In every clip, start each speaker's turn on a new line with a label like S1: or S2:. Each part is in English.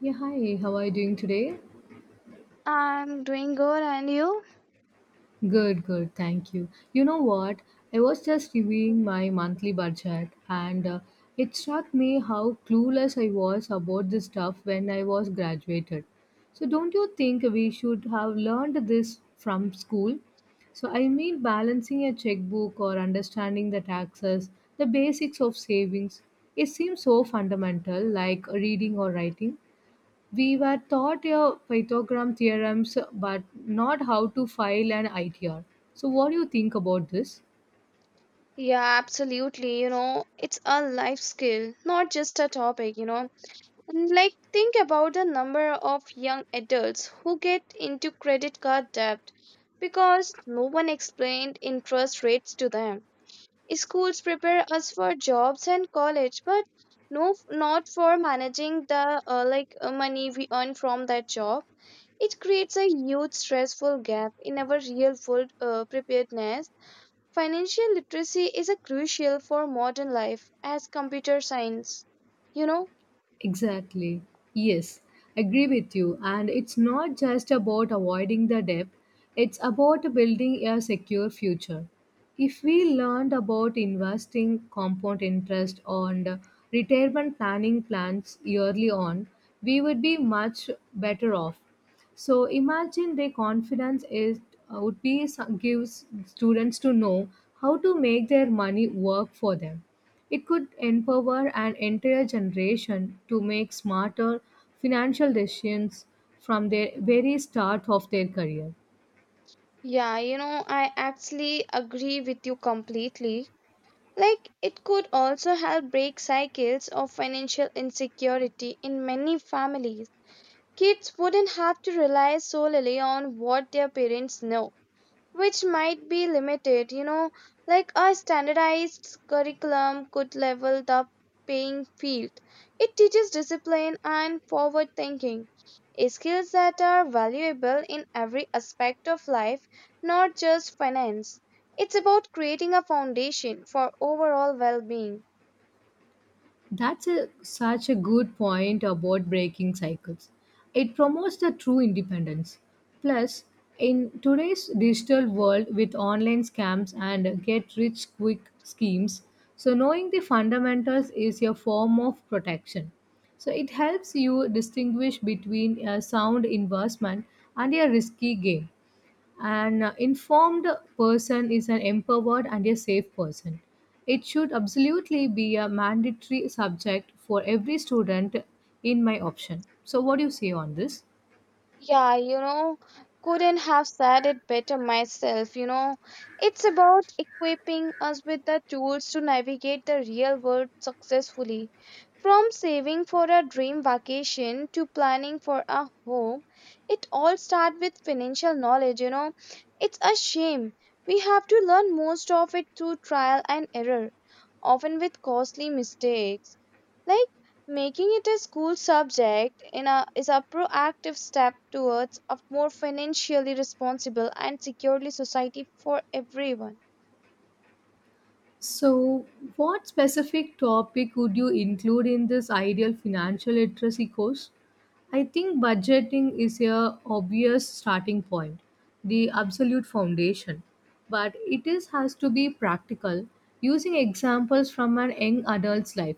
S1: Yeah, hi, how are you doing today?
S2: I'm doing good, and you?
S1: Good, good, thank you. You know what? I was just
S2: Mhm.
S1: reviewing my monthly budget and it struck me how clueless I was about this stuff when I was graduated. So, don't you think we should have learned this from school? So, I mean, balancing a checkbook or understanding the taxes, the basics of savings, it seems so fundamental, like reading or writing. We were taught your Pythagorean theorems, but not how to file an ITR. So, what do you think about this?
S2: Yeah, absolutely. You know, it's a life skill, not just a topic, you know. And like, think about the number of young adults who get into credit card debt because no one explained interest rates to them. Schools prepare us for jobs and college, but no, not for managing the money we earn from that job. It creates a huge stressful gap in our real world preparedness. Financial literacy is a crucial for modern life as computer science. You know?
S1: Exactly. Yes, agree with you. And it's not just about avoiding the debt, it's about building a secure future. If we learned about investing compound interest and retirement planning plans early on, we would be much better off. So imagine their confidence is would be gives students to know how to make their money work for them. It could empower an entire generation to make smarter financial decisions from their very start of their career.
S2: Yeah, you know, I actually agree with you completely. Like, it could also help break cycles of financial insecurity in many families. Kids wouldn't have to rely solely on what their parents know, which might be limited, you know, like a standardized curriculum could level the playing field. It teaches discipline and forward thinking, skills that are valuable in every aspect of life, not just finance. It's about creating a foundation for overall well being.
S1: Such a good point about breaking cycles. It promotes the true independence. Plus, in today's digital world with online scams and get rich quick schemes, so knowing the fundamentals is a form of protection. So it helps you distinguish between a sound investment and a risky game. An informed person is an empowered and a safe person. It should absolutely be a mandatory subject for every student in my option. So, what do you say on this?
S2: Yeah, you know, couldn't have said it better myself. You know, it's about equipping us with the tools to navigate the real world successfully. From saving for a dream vacation to planning for a home, it all starts with financial knowledge. You know, it's a shame. We have to learn most of it through trial and error, often with costly mistakes. Like, making it a school subject in a, is a proactive step towards a more financially responsible and securely society for everyone.
S1: So, what specific topic would you include in this ideal financial literacy course? I think budgeting is a obvious starting point, the absolute foundation, but it is has to be practical, using examples from an young adult's life.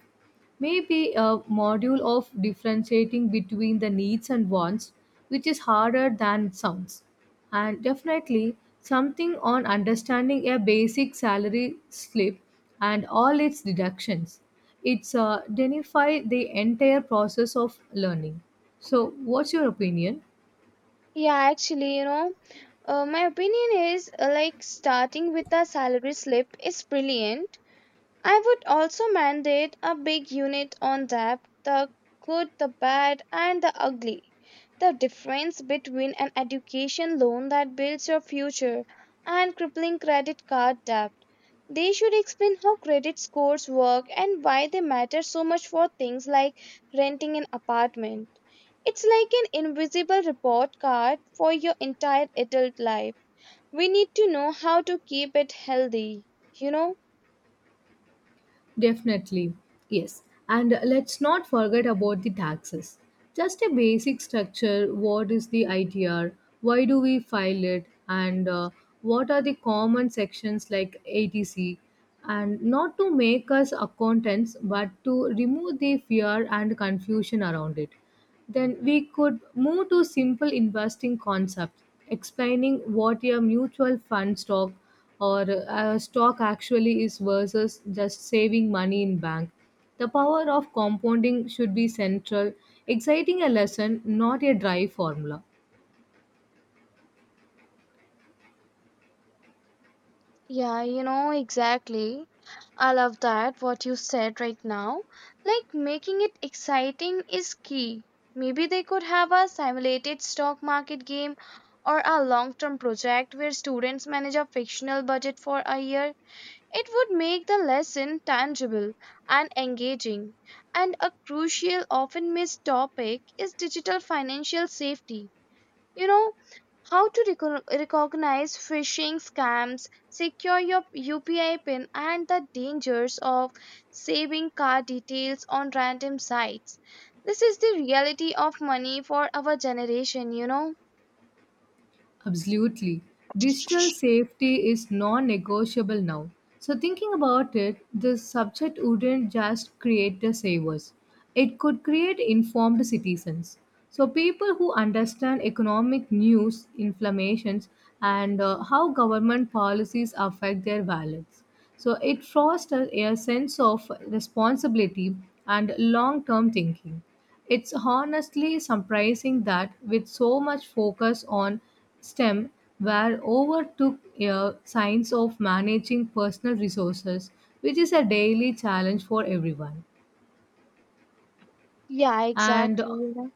S1: Maybe a module of differentiating between the needs and wants, which is harder than it sounds and definitely something on understanding a basic salary slip and all its deductions. It's denify the entire process of learning. So, what's your opinion?
S2: Yeah, actually, you know, my opinion is like starting with a salary slip is brilliant. I would also mandate a big unit on that the good, the bad, and the ugly. The difference between an education loan that builds your future and crippling credit card debt. They should explain how credit scores work and why they matter so much for things like renting an apartment. It's like an invisible report card for your entire adult life. We need to know how to keep it healthy, you know?
S1: Definitely, yes. And let's not forget about the taxes. Just a basic structure what is the ITR, why do we file it, and what are the common sections like ATC, and not to make us accountants but to remove the fear and confusion around it. Then we could move to simple investing concepts, explaining what a mutual fund stock or a stock actually is versus just saving money in bank. The power of compounding should be central, exciting a lesson, not a dry formula.
S2: Yeah, you know, exactly. I love that what you said right now. Like making it exciting is key. Maybe they could have a simulated stock market game or a long-term project where students manage a fictional budget for a year. It would make the lesson tangible and engaging. And a crucial, often missed topic is digital financial safety, you know, how to recognize phishing scams, secure your upi pin and the dangers of saving card details on random sites. This is the reality of money for our generation, you know.
S1: Absolutely. Digital safety is non negotiable now. So, thinking about it, this subject wouldn't just create the savers, it could create informed citizens. So, people who understand economic news, inflammations, and how government policies affect their wallets. So, it fosters a sense of responsibility and long term thinking. It's honestly surprising that with so much focus on STEM, where overtook a science of managing personal resources, which is a daily challenge for everyone.
S2: Yeah,
S1: And
S2: exactly, you know.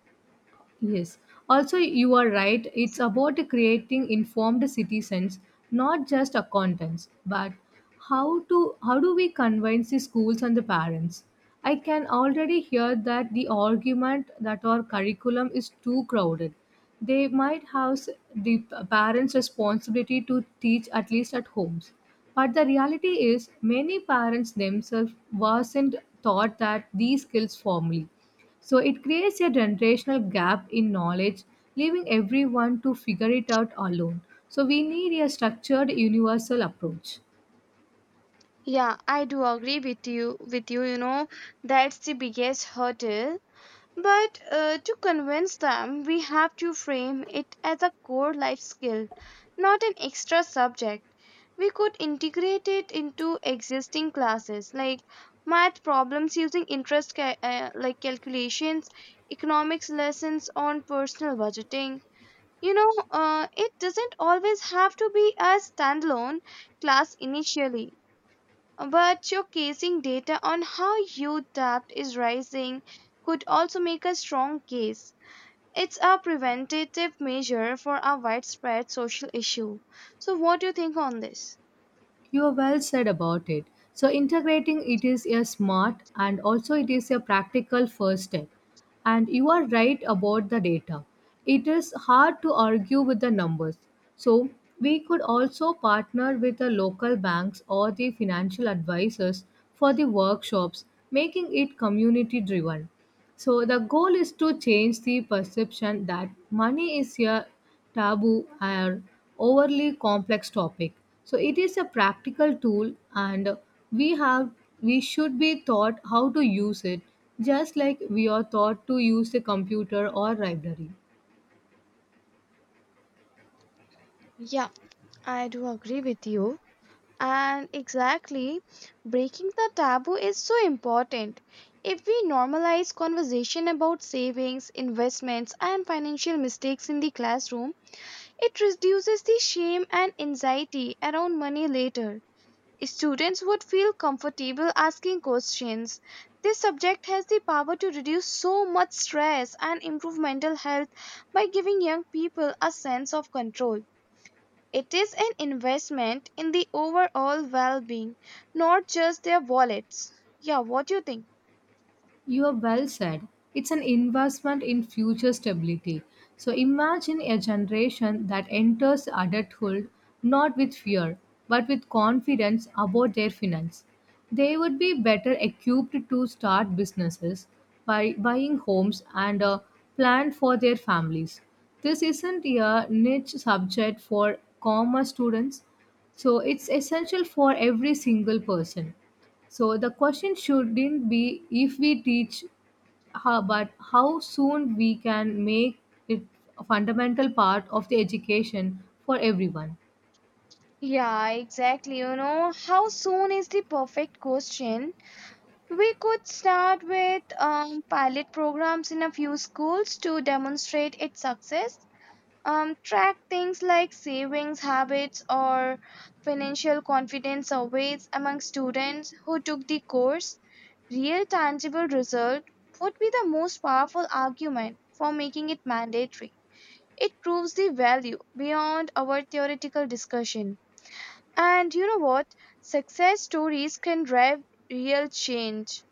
S1: yes. Also, you are right. It's about creating informed citizens, not just accountants, but how do we convince the schools and the parents? I can already hear that the argument that our curriculum is too crowded. They might have parents' responsibility to teach at least at homes. But the reality is, many parents themselves wasn't taught that these skills formally, so it creates a generational gap in knowledge, leaving everyone to figure it out alone. So we need a structured universal approach.
S2: Yeah, I do agree with you, you know, that's the biggest hurdle. But to convince them, we have to frame it as a core life skill, not an extra subject. We could integrate it into existing classes like math problems using interest calculations, economics lessons on personal budgeting. You know, it doesn't always have to be a standalone class initially. But showcasing data on how youth debt is rising could also make a strong case. It's a preventative measure for a widespread social issue. So, what do you think on this?
S1: You are well said about it. So integrating it is a smart and also it is a practical first step. And you are right about the data. It is hard to argue with the numbers. So we could also partner with the local banks or the financial advisors for the workshops, making it community driven. So the goal is to change the perception that money is a taboo or overly complex topic. So it is a practical tool and we have we should be taught how to use it just like we are taught to use a computer or library.
S2: Yeah, I do agree with you. And exactly, breaking the taboo is so important. If we normalize conversation about savings, investments, and financial mistakes in the classroom, it reduces the shame and anxiety around money later. Students would feel comfortable asking questions. This subject has the power to reduce so much stress and improve mental health by giving young people a sense of control. It is an investment in the overall well being, not just their wallets. Yeah, what do you think?
S1: You are well said. It's an investment in future stability. So imagine a generation that enters adulthood not with fear, but with confidence about their finance. They would be better equipped to start businesses, by buying homes, and plan for their families. This isn't a niche subject for commerce students, so it's essential for every single person. So the question shouldn't be if we teach, how, but how soon we can make it a fundamental part of the education for everyone.
S2: Yeah, exactly. You know, how soon is the perfect question? We could start with pilot programs in a few schools to demonstrate its success, track things like savings habits or financial confidence surveys among students who took the course. Real tangible result would be the most powerful argument for making it mandatory. It proves the value beyond our theoretical discussion. And you know what? Success stories can drive real change.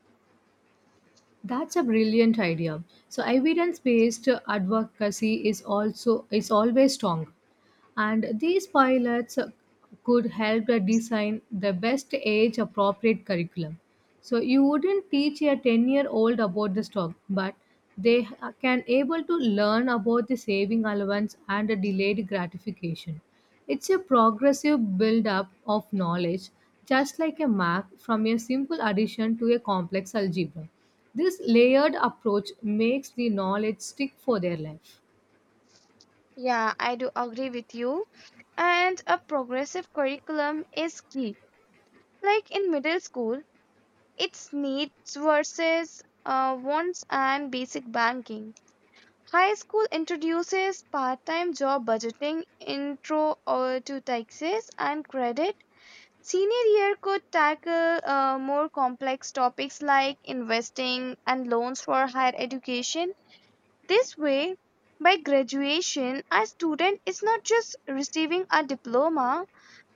S1: That's a brilliant idea. So evidence-based advocacy is also is always strong. And these pilots could help to design the best age appropriate curriculum. So you wouldn't teach a 10-year-old year old about the stock, but they can able to learn about the saving allowance and the delayed gratification. It's a progressive build up of knowledge, just like a map from a simple addition to a complex algebra. This layered approach makes the knowledge stick for their life.
S2: Yeah, I do agree with you. And a progressive curriculum is key. Like in middle school, it's needs versus wants and basic banking. High school introduces part time job budgeting, intro to taxes and credit. Senior year could tackle more complex topics like investing and loans for higher education. This way, by graduation, a student is not just receiving a diploma,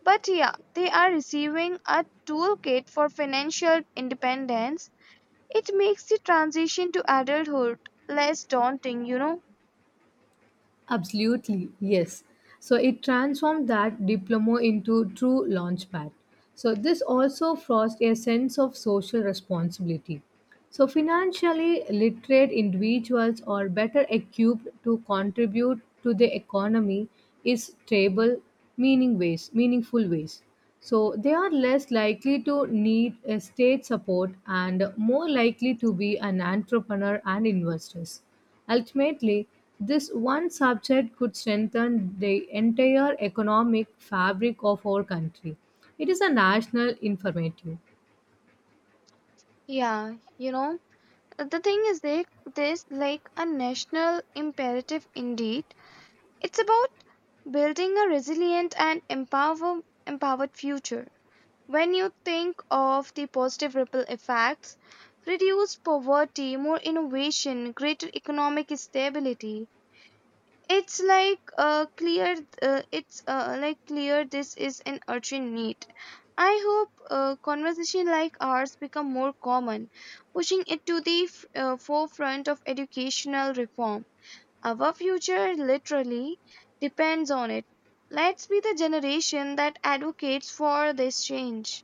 S2: but yeah, they are receiving a toolkit for financial independence. It makes the transition to adulthood less daunting, you know?
S1: Absolutely, yes. So it transformed that diploma into true launchpad. So this also forced a sense of social responsibility. So financially literate individuals are better equipped to contribute to the economy is stable, meaning ways, meaningful ways. So they are less likely to need a state support and more likely to be an entrepreneur and investors. Ultimately, this one subject could strengthen the entire economic fabric of our country. It is a national informative.
S2: Yeah, you know, The thing is, they, this like a national imperative indeed. It's about building a resilient and empowered future. When you think of the positive ripple effects, reduced poverty, more innovation, greater economic stability, it's like uh, clear it's clear this is an urgent need. I hope conversation like ours become more common, pushing it to the forefront of educational reform. Our future literally depends on it. Let's be the generation that advocates for this change.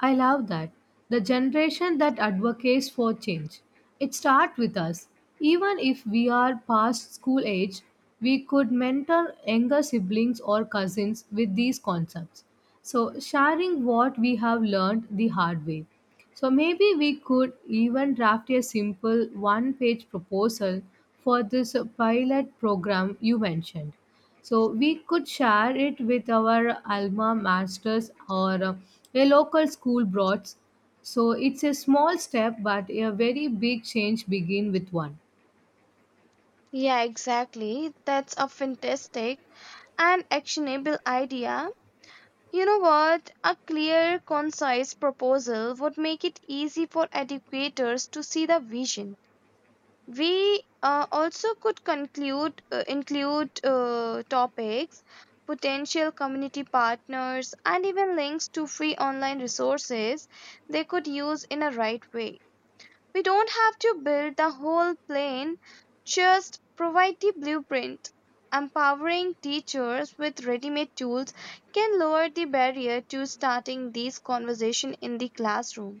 S1: I love that. The generation that advocates for change. It starts with us. Even if we are past school age, we could mentor younger siblings or cousins with these concepts. So, sharing what we have learned the hard way. So, maybe we could even draft a simple one page proposal for this pilot program you mentioned. So we could share it with our alma masters or a local school broads. So it's a small step, but a very big change begin with one.
S2: Yeah, exactly, that's a fantastic and actionable idea. You know what? A clear, concise proposal would make it easy for educators to see the vision. We also could conclude include topics, potential community partners, and even links to free online resources they could use in a right way. We don't have to build the whole plane, just provide the blueprint. Empowering teachers with ready made tools can lower the barrier to starting these conversations in the classroom.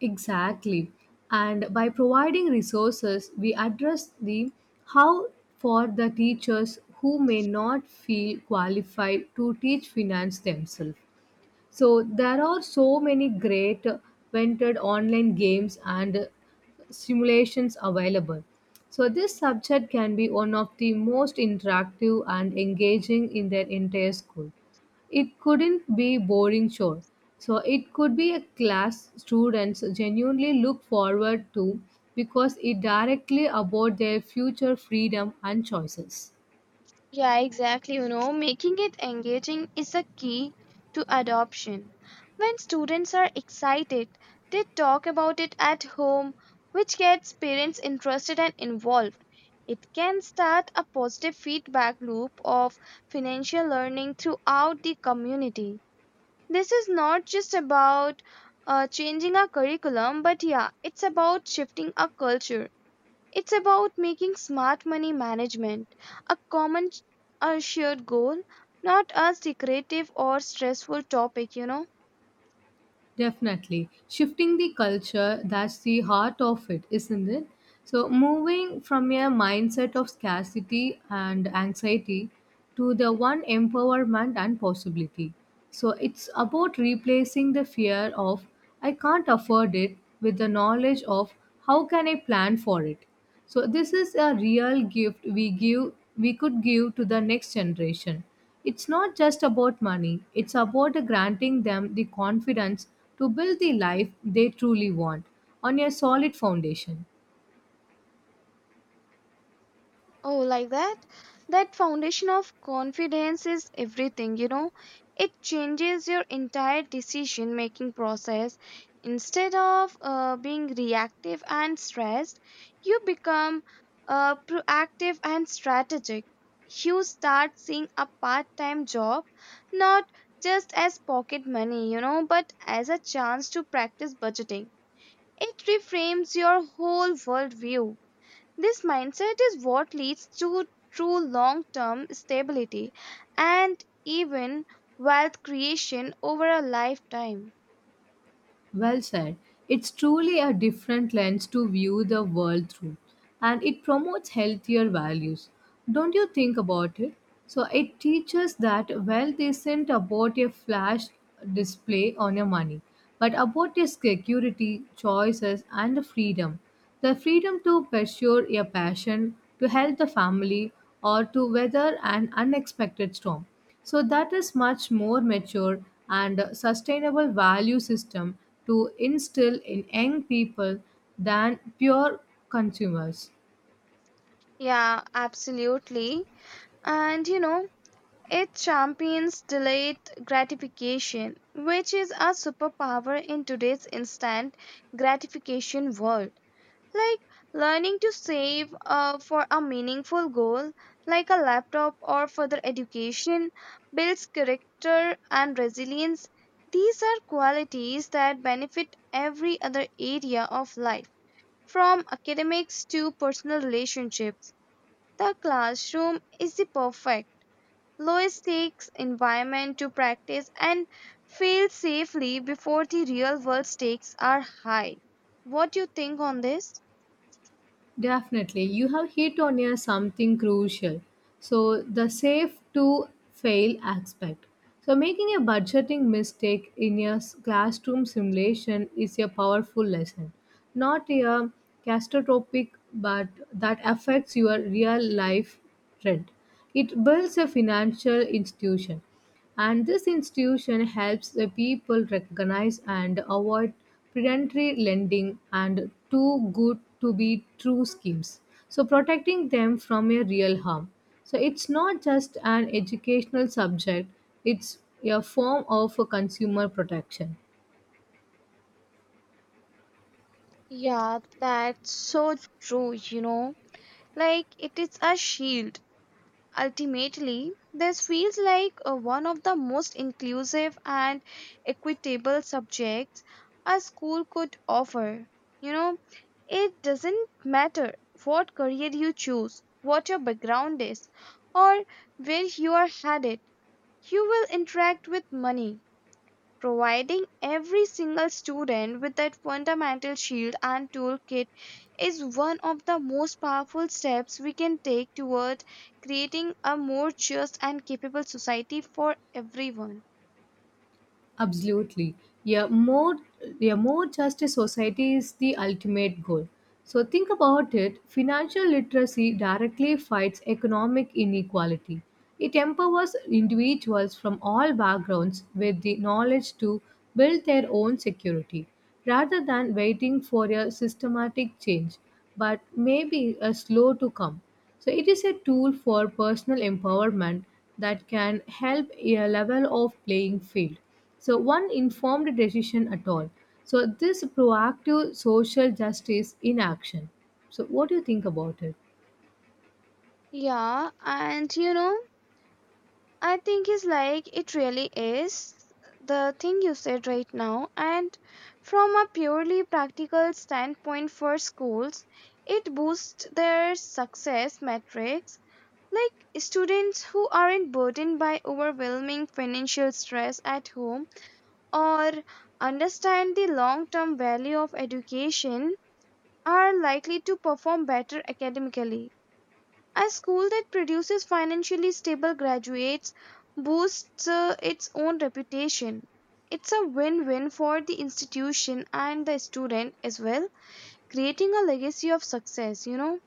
S1: Exactly. And by providing resources, we address the how for the teachers who may not feel qualified to teach finance themselves. So there are so many great vented online games and simulations available. So this subject can be one of the most interactive and engaging in their entire school. It couldn't be boring sure. So it could be a class students genuinely look forward to because it directly about their future freedom and choices.
S2: Yeah, exactly. You know, making it engaging is a key to adoption. When students are excited, they talk about it at home, which gets parents interested and involved. It can start a positive feedback loop of financial learning throughout the community. This is not just about changing our curriculum, but yeah, it's about shifting our culture. It's about making smart money management a common, a shared goal, not a secretive or stressful topic, you know.
S1: Definitely. Shifting the culture, that's the heart of it, isn't it? So, moving from a mindset of scarcity and anxiety to the one empowerment and possibility. So, it's about replacing the fear of I can't afford it with the knowledge of how can I plan for it. So this is a real gift we could give to the next generation. It's not just about money, it's about granting them the confidence to build the life they truly want on a solid foundation.
S2: Oh, like that? That foundation of confidence is everything, you know. It changes your entire decision making process. Instead of being reactive and stressed, you become proactive and strategic. You start seeing a part time job not just as pocket money, you know, but as a chance to practice budgeting. It reframes your whole worldview. This mindset is what leads to true long term stability and even wealth creation over a lifetime.
S1: Well said. It's truly a different lens to view the world through, and it promotes healthier values. Don't you think about it? So, it teaches that wealth isn't about a flash display on your money, but about your security, choices, and the freedom. The freedom to pursue your passion, to help the family, or to weather an unexpected storm. So that is much more mature and sustainable value system to instill in young people than pure consumers.
S2: Yeah, absolutely. And you know, it champions delayed gratification, which is a superpower in today's instant gratification world. Like learning to save for a meaningful goal like a laptop or further education builds character and resilience. These are qualities that benefit every other area of life, from academics to personal relationships. The classroom is the perfect lowest stakes environment to practice and fail safely before the real world stakes are high. What do you think on this?
S1: Definitely. You have hit on a something crucial. So the safe to fail aspect. So making a budgeting mistake in a classroom simulation is a powerful lesson. Not a catastrophic but that affects your real life rent. It builds a financial institution. And this institution helps the people recognize and avoid predatory lending and too good to be true schemes. So, protecting them from a real harm. So, it's not just an educational subject, it's a form of a consumer protection.
S2: Yeah, that's so true, you know. Like it is a shield. Ultimately, this feels like one of the most inclusive and equitable subjects a school could offer. You know, it doesn't matter what career you choose, what your background is, or where you are headed. You will interact with money. Providing every single student with that fundamental shield and toolkit is one of the most powerful steps we can take toward creating a more just and capable society for everyone.
S1: Absolutely. Yeah, more yeah, more just a society is the ultimate goal. So think about it, financial literacy directly fights economic inequality. It empowers individuals from all backgrounds with the knowledge to build their own security rather than waiting for a systematic change, but maybe a slow to come. So it is a tool for personal empowerment that can help a level of playing field. So one informed decision at all. So this proactive social justice in action. So what do you think about it?
S2: Yeah, and you know, I think it's like it really is the thing you said right now. And from a purely practical standpoint for schools, it boosts their success metrics. Like students who aren't burdened by overwhelming financial stress at home or understand the long term value of education are likely to perform better academically. A school that produces financially stable graduates boosts its own reputation. It's a win win for the institution and the student as well, creating a legacy of success, you know?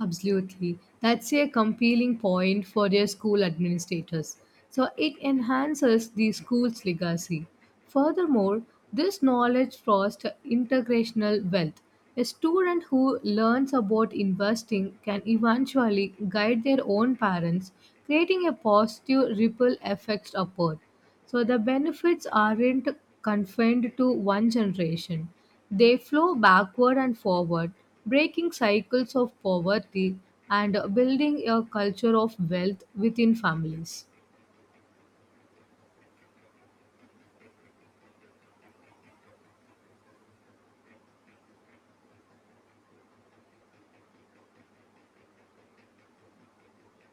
S1: Absolutely. That's a compelling point for their school administrators. So it enhances the school's legacy. Furthermore, this knowledge fosters integrational wealth. A student who learns about investing can eventually guide their own parents, creating a positive ripple effect upward. So the benefits aren't confined to one generation. They flow backward and forward, breaking cycles of poverty and building a culture of wealth within families.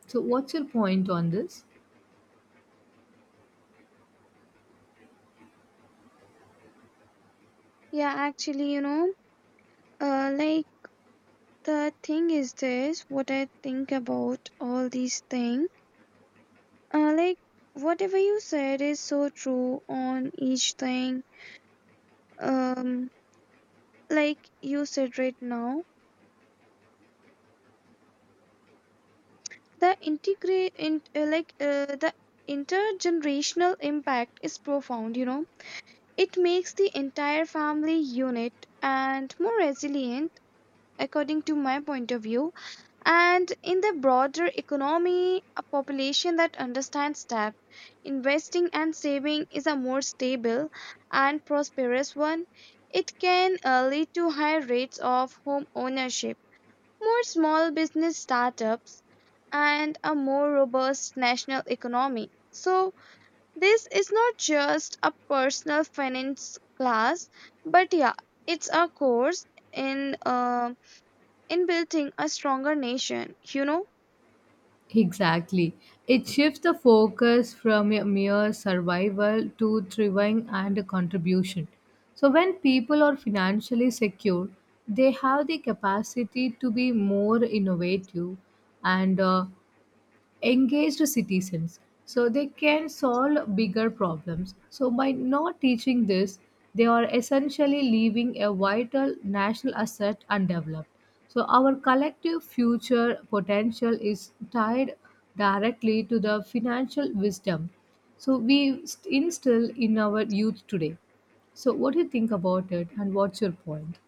S1: So, what's your point on this?
S2: Yeah, actually, you know, like The thing is this, what I think about all these things, uh, like whatever you said is so true on each thing. Um, like you said right now, the integrate, in, like the intergenerational impact is profound. You know, it makes the entire family unit and more resilient, according to my point of view. And in the broader economy, a population that understands that investing, and saving is a more stable and prosperous one. It can lead to higher rates of home ownership, more small business startups, and a more robust national economy. So, this is not just a personal finance class, but yeah, it's a course in uh, in building a stronger nation, you know.
S1: Exactly. It shifts the focus from a mere survival to thriving and a contribution. So, when people are financially secure, they have the capacity to be more innovative and engaged citizens, so they can solve bigger problems. So by not teaching this, they are essentially leaving a vital national asset undeveloped. So our collective future potential is tied directly to the financial wisdom so we instill in our youth today. So what do you think about it and what's your point?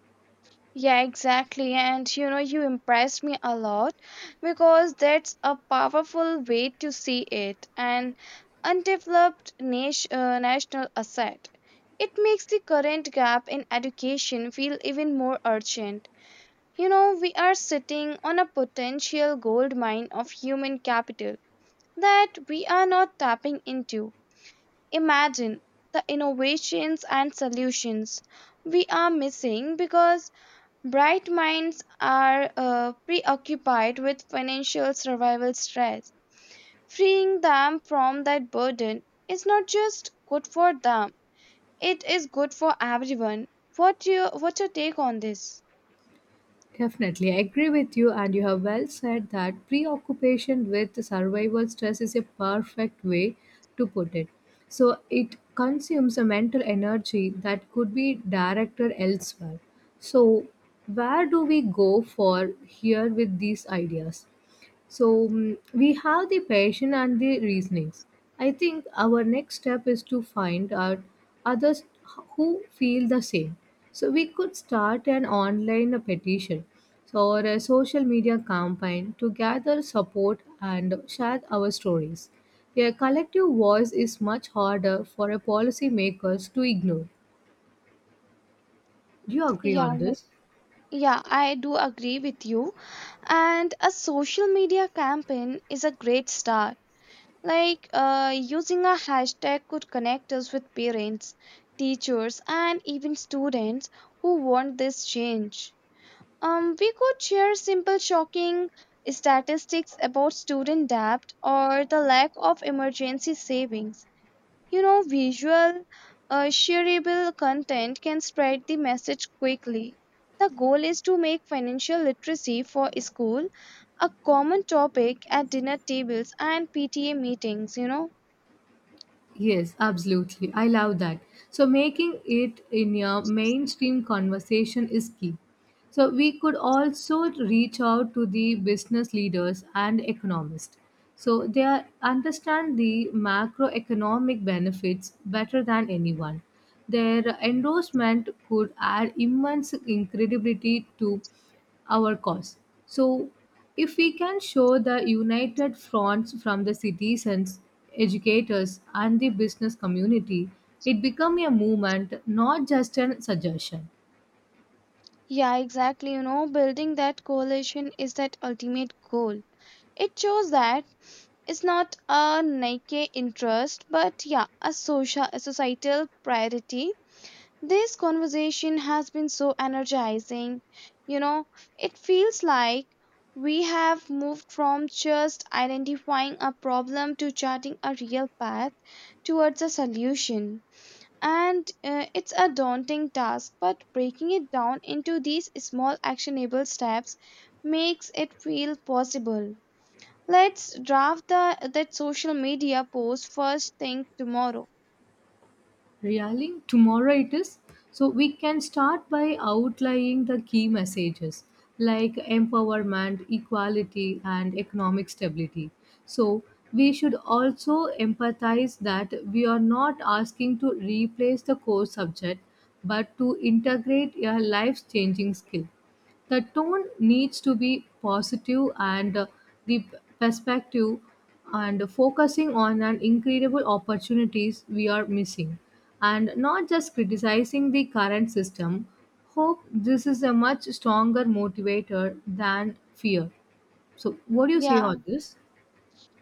S2: Yeah, exactly. And you know, you impressed me a lot because that's a powerful way to see it, an undeveloped nation, national asset. It makes the current gap in education feel even more urgent. You know, we are sitting on a potential gold mine of human capital that we are not tapping into. Imagine the innovations and solutions we are missing because bright minds are preoccupied with financial survival stress. Freeing them from that burden is not just good for them, it is good for everyone. What's your take on this?
S1: Definitely, I agree with you, and you have well said that preoccupation with survival stress is a perfect way to put it. So, it consumes a mental energy that could be directed elsewhere. So, where do we go for here with these ideas? So we have the passion and the reasonings. I think our next step is to find out others who feel the same. So we could start an online petition or a social media campaign to gather support and share our stories. A collective voice is much harder for a policymakers to ignore. Do you agree
S2: Yeah,
S1: on this?
S2: yeah, I do agree with you. And a social media campaign is a great start. Like using a hashtag could connect us with parents, teachers, and even students who want this change. We could share simple shocking statistics about student debt or the lack of emergency savings. You know, visual, shareable content can spread the message quickly. The goal is to make financial literacy for school a common topic at dinner tables and PTA meetings, you know.
S1: Yes, absolutely. I love that. So making it in your mainstream conversation is key. So we could also reach out to the business leaders and economists. So they are, understand the macroeconomic benefits better than anyone. Their endorsement could add immense credibility to our cause. So if we can show the united fronts from the citizens, educators and the business community, it become a movement, not just a suggestion.
S2: Yeah, exactly. You know, building that coalition is that ultimate goal. It shows that it's not a naked interest, but yeah, a social, a societal priority. This conversation has been so energizing. You know, it feels like we have moved from just identifying a problem to charting a real path towards a solution. And it's a daunting task, but breaking it down into these small actionable steps makes it feel possible. Let's draft the that social media post first thing tomorrow.
S1: Really? Tomorrow it is? So we can start by outlining the key messages like empowerment, equality, and economic stability. So we should also empathize that we are not asking to replace the core subject but to integrate a life changing skill. The tone needs to be positive and the perspective and focusing on an incredible opportunities we are missing and not just criticizing the current system, hope this is a much stronger motivator than fear. So what do you say
S2: Yeah,
S1: on this?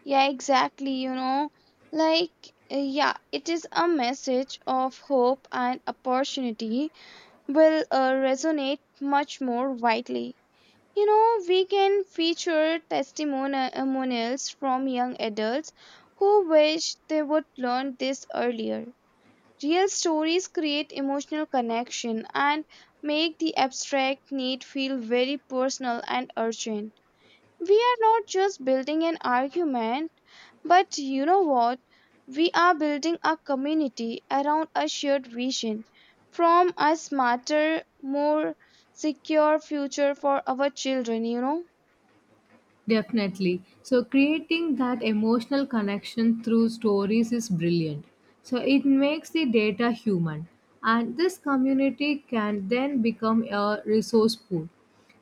S2: yeah, exactly. You know, like, yeah, it is a message of hope and opportunity will resonate much more widely. You know, we can feature testimonials from young adults who wish they would learn this earlier. Real stories create emotional connection and make the abstract need feel very personal and urgent. We are not just building an argument, but you know what? We are building a community around a shared vision from a smarter, more secure future for our children, you know?
S1: Definitely. So creating that emotional connection through stories is brilliant. So it makes the data human and this community can then become a resource pool.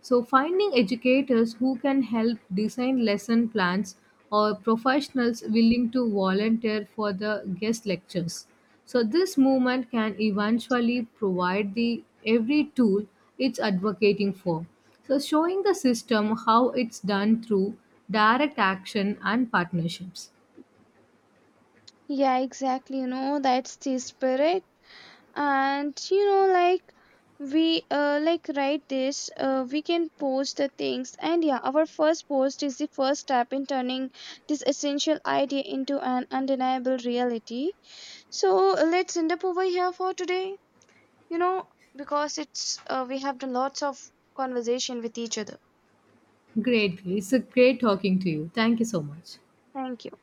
S1: So, finding educators who can help design lesson plans or professionals willing to volunteer for the guest lectures. So, this movement can eventually provide the every tool it's advocating for. So, showing the system how it's done through direct action and partnerships.
S2: Yeah, exactly. You know, that's the spirit. And you know, like we like write this, we can post the things and yeah, our first post is the first step in turning this essential idea into an undeniable reality. So let's end up over here for today, you know, because it's we have done lots of conversation with each other.
S1: Great, it's a great talking to you. Thank you so much.
S2: Thank you.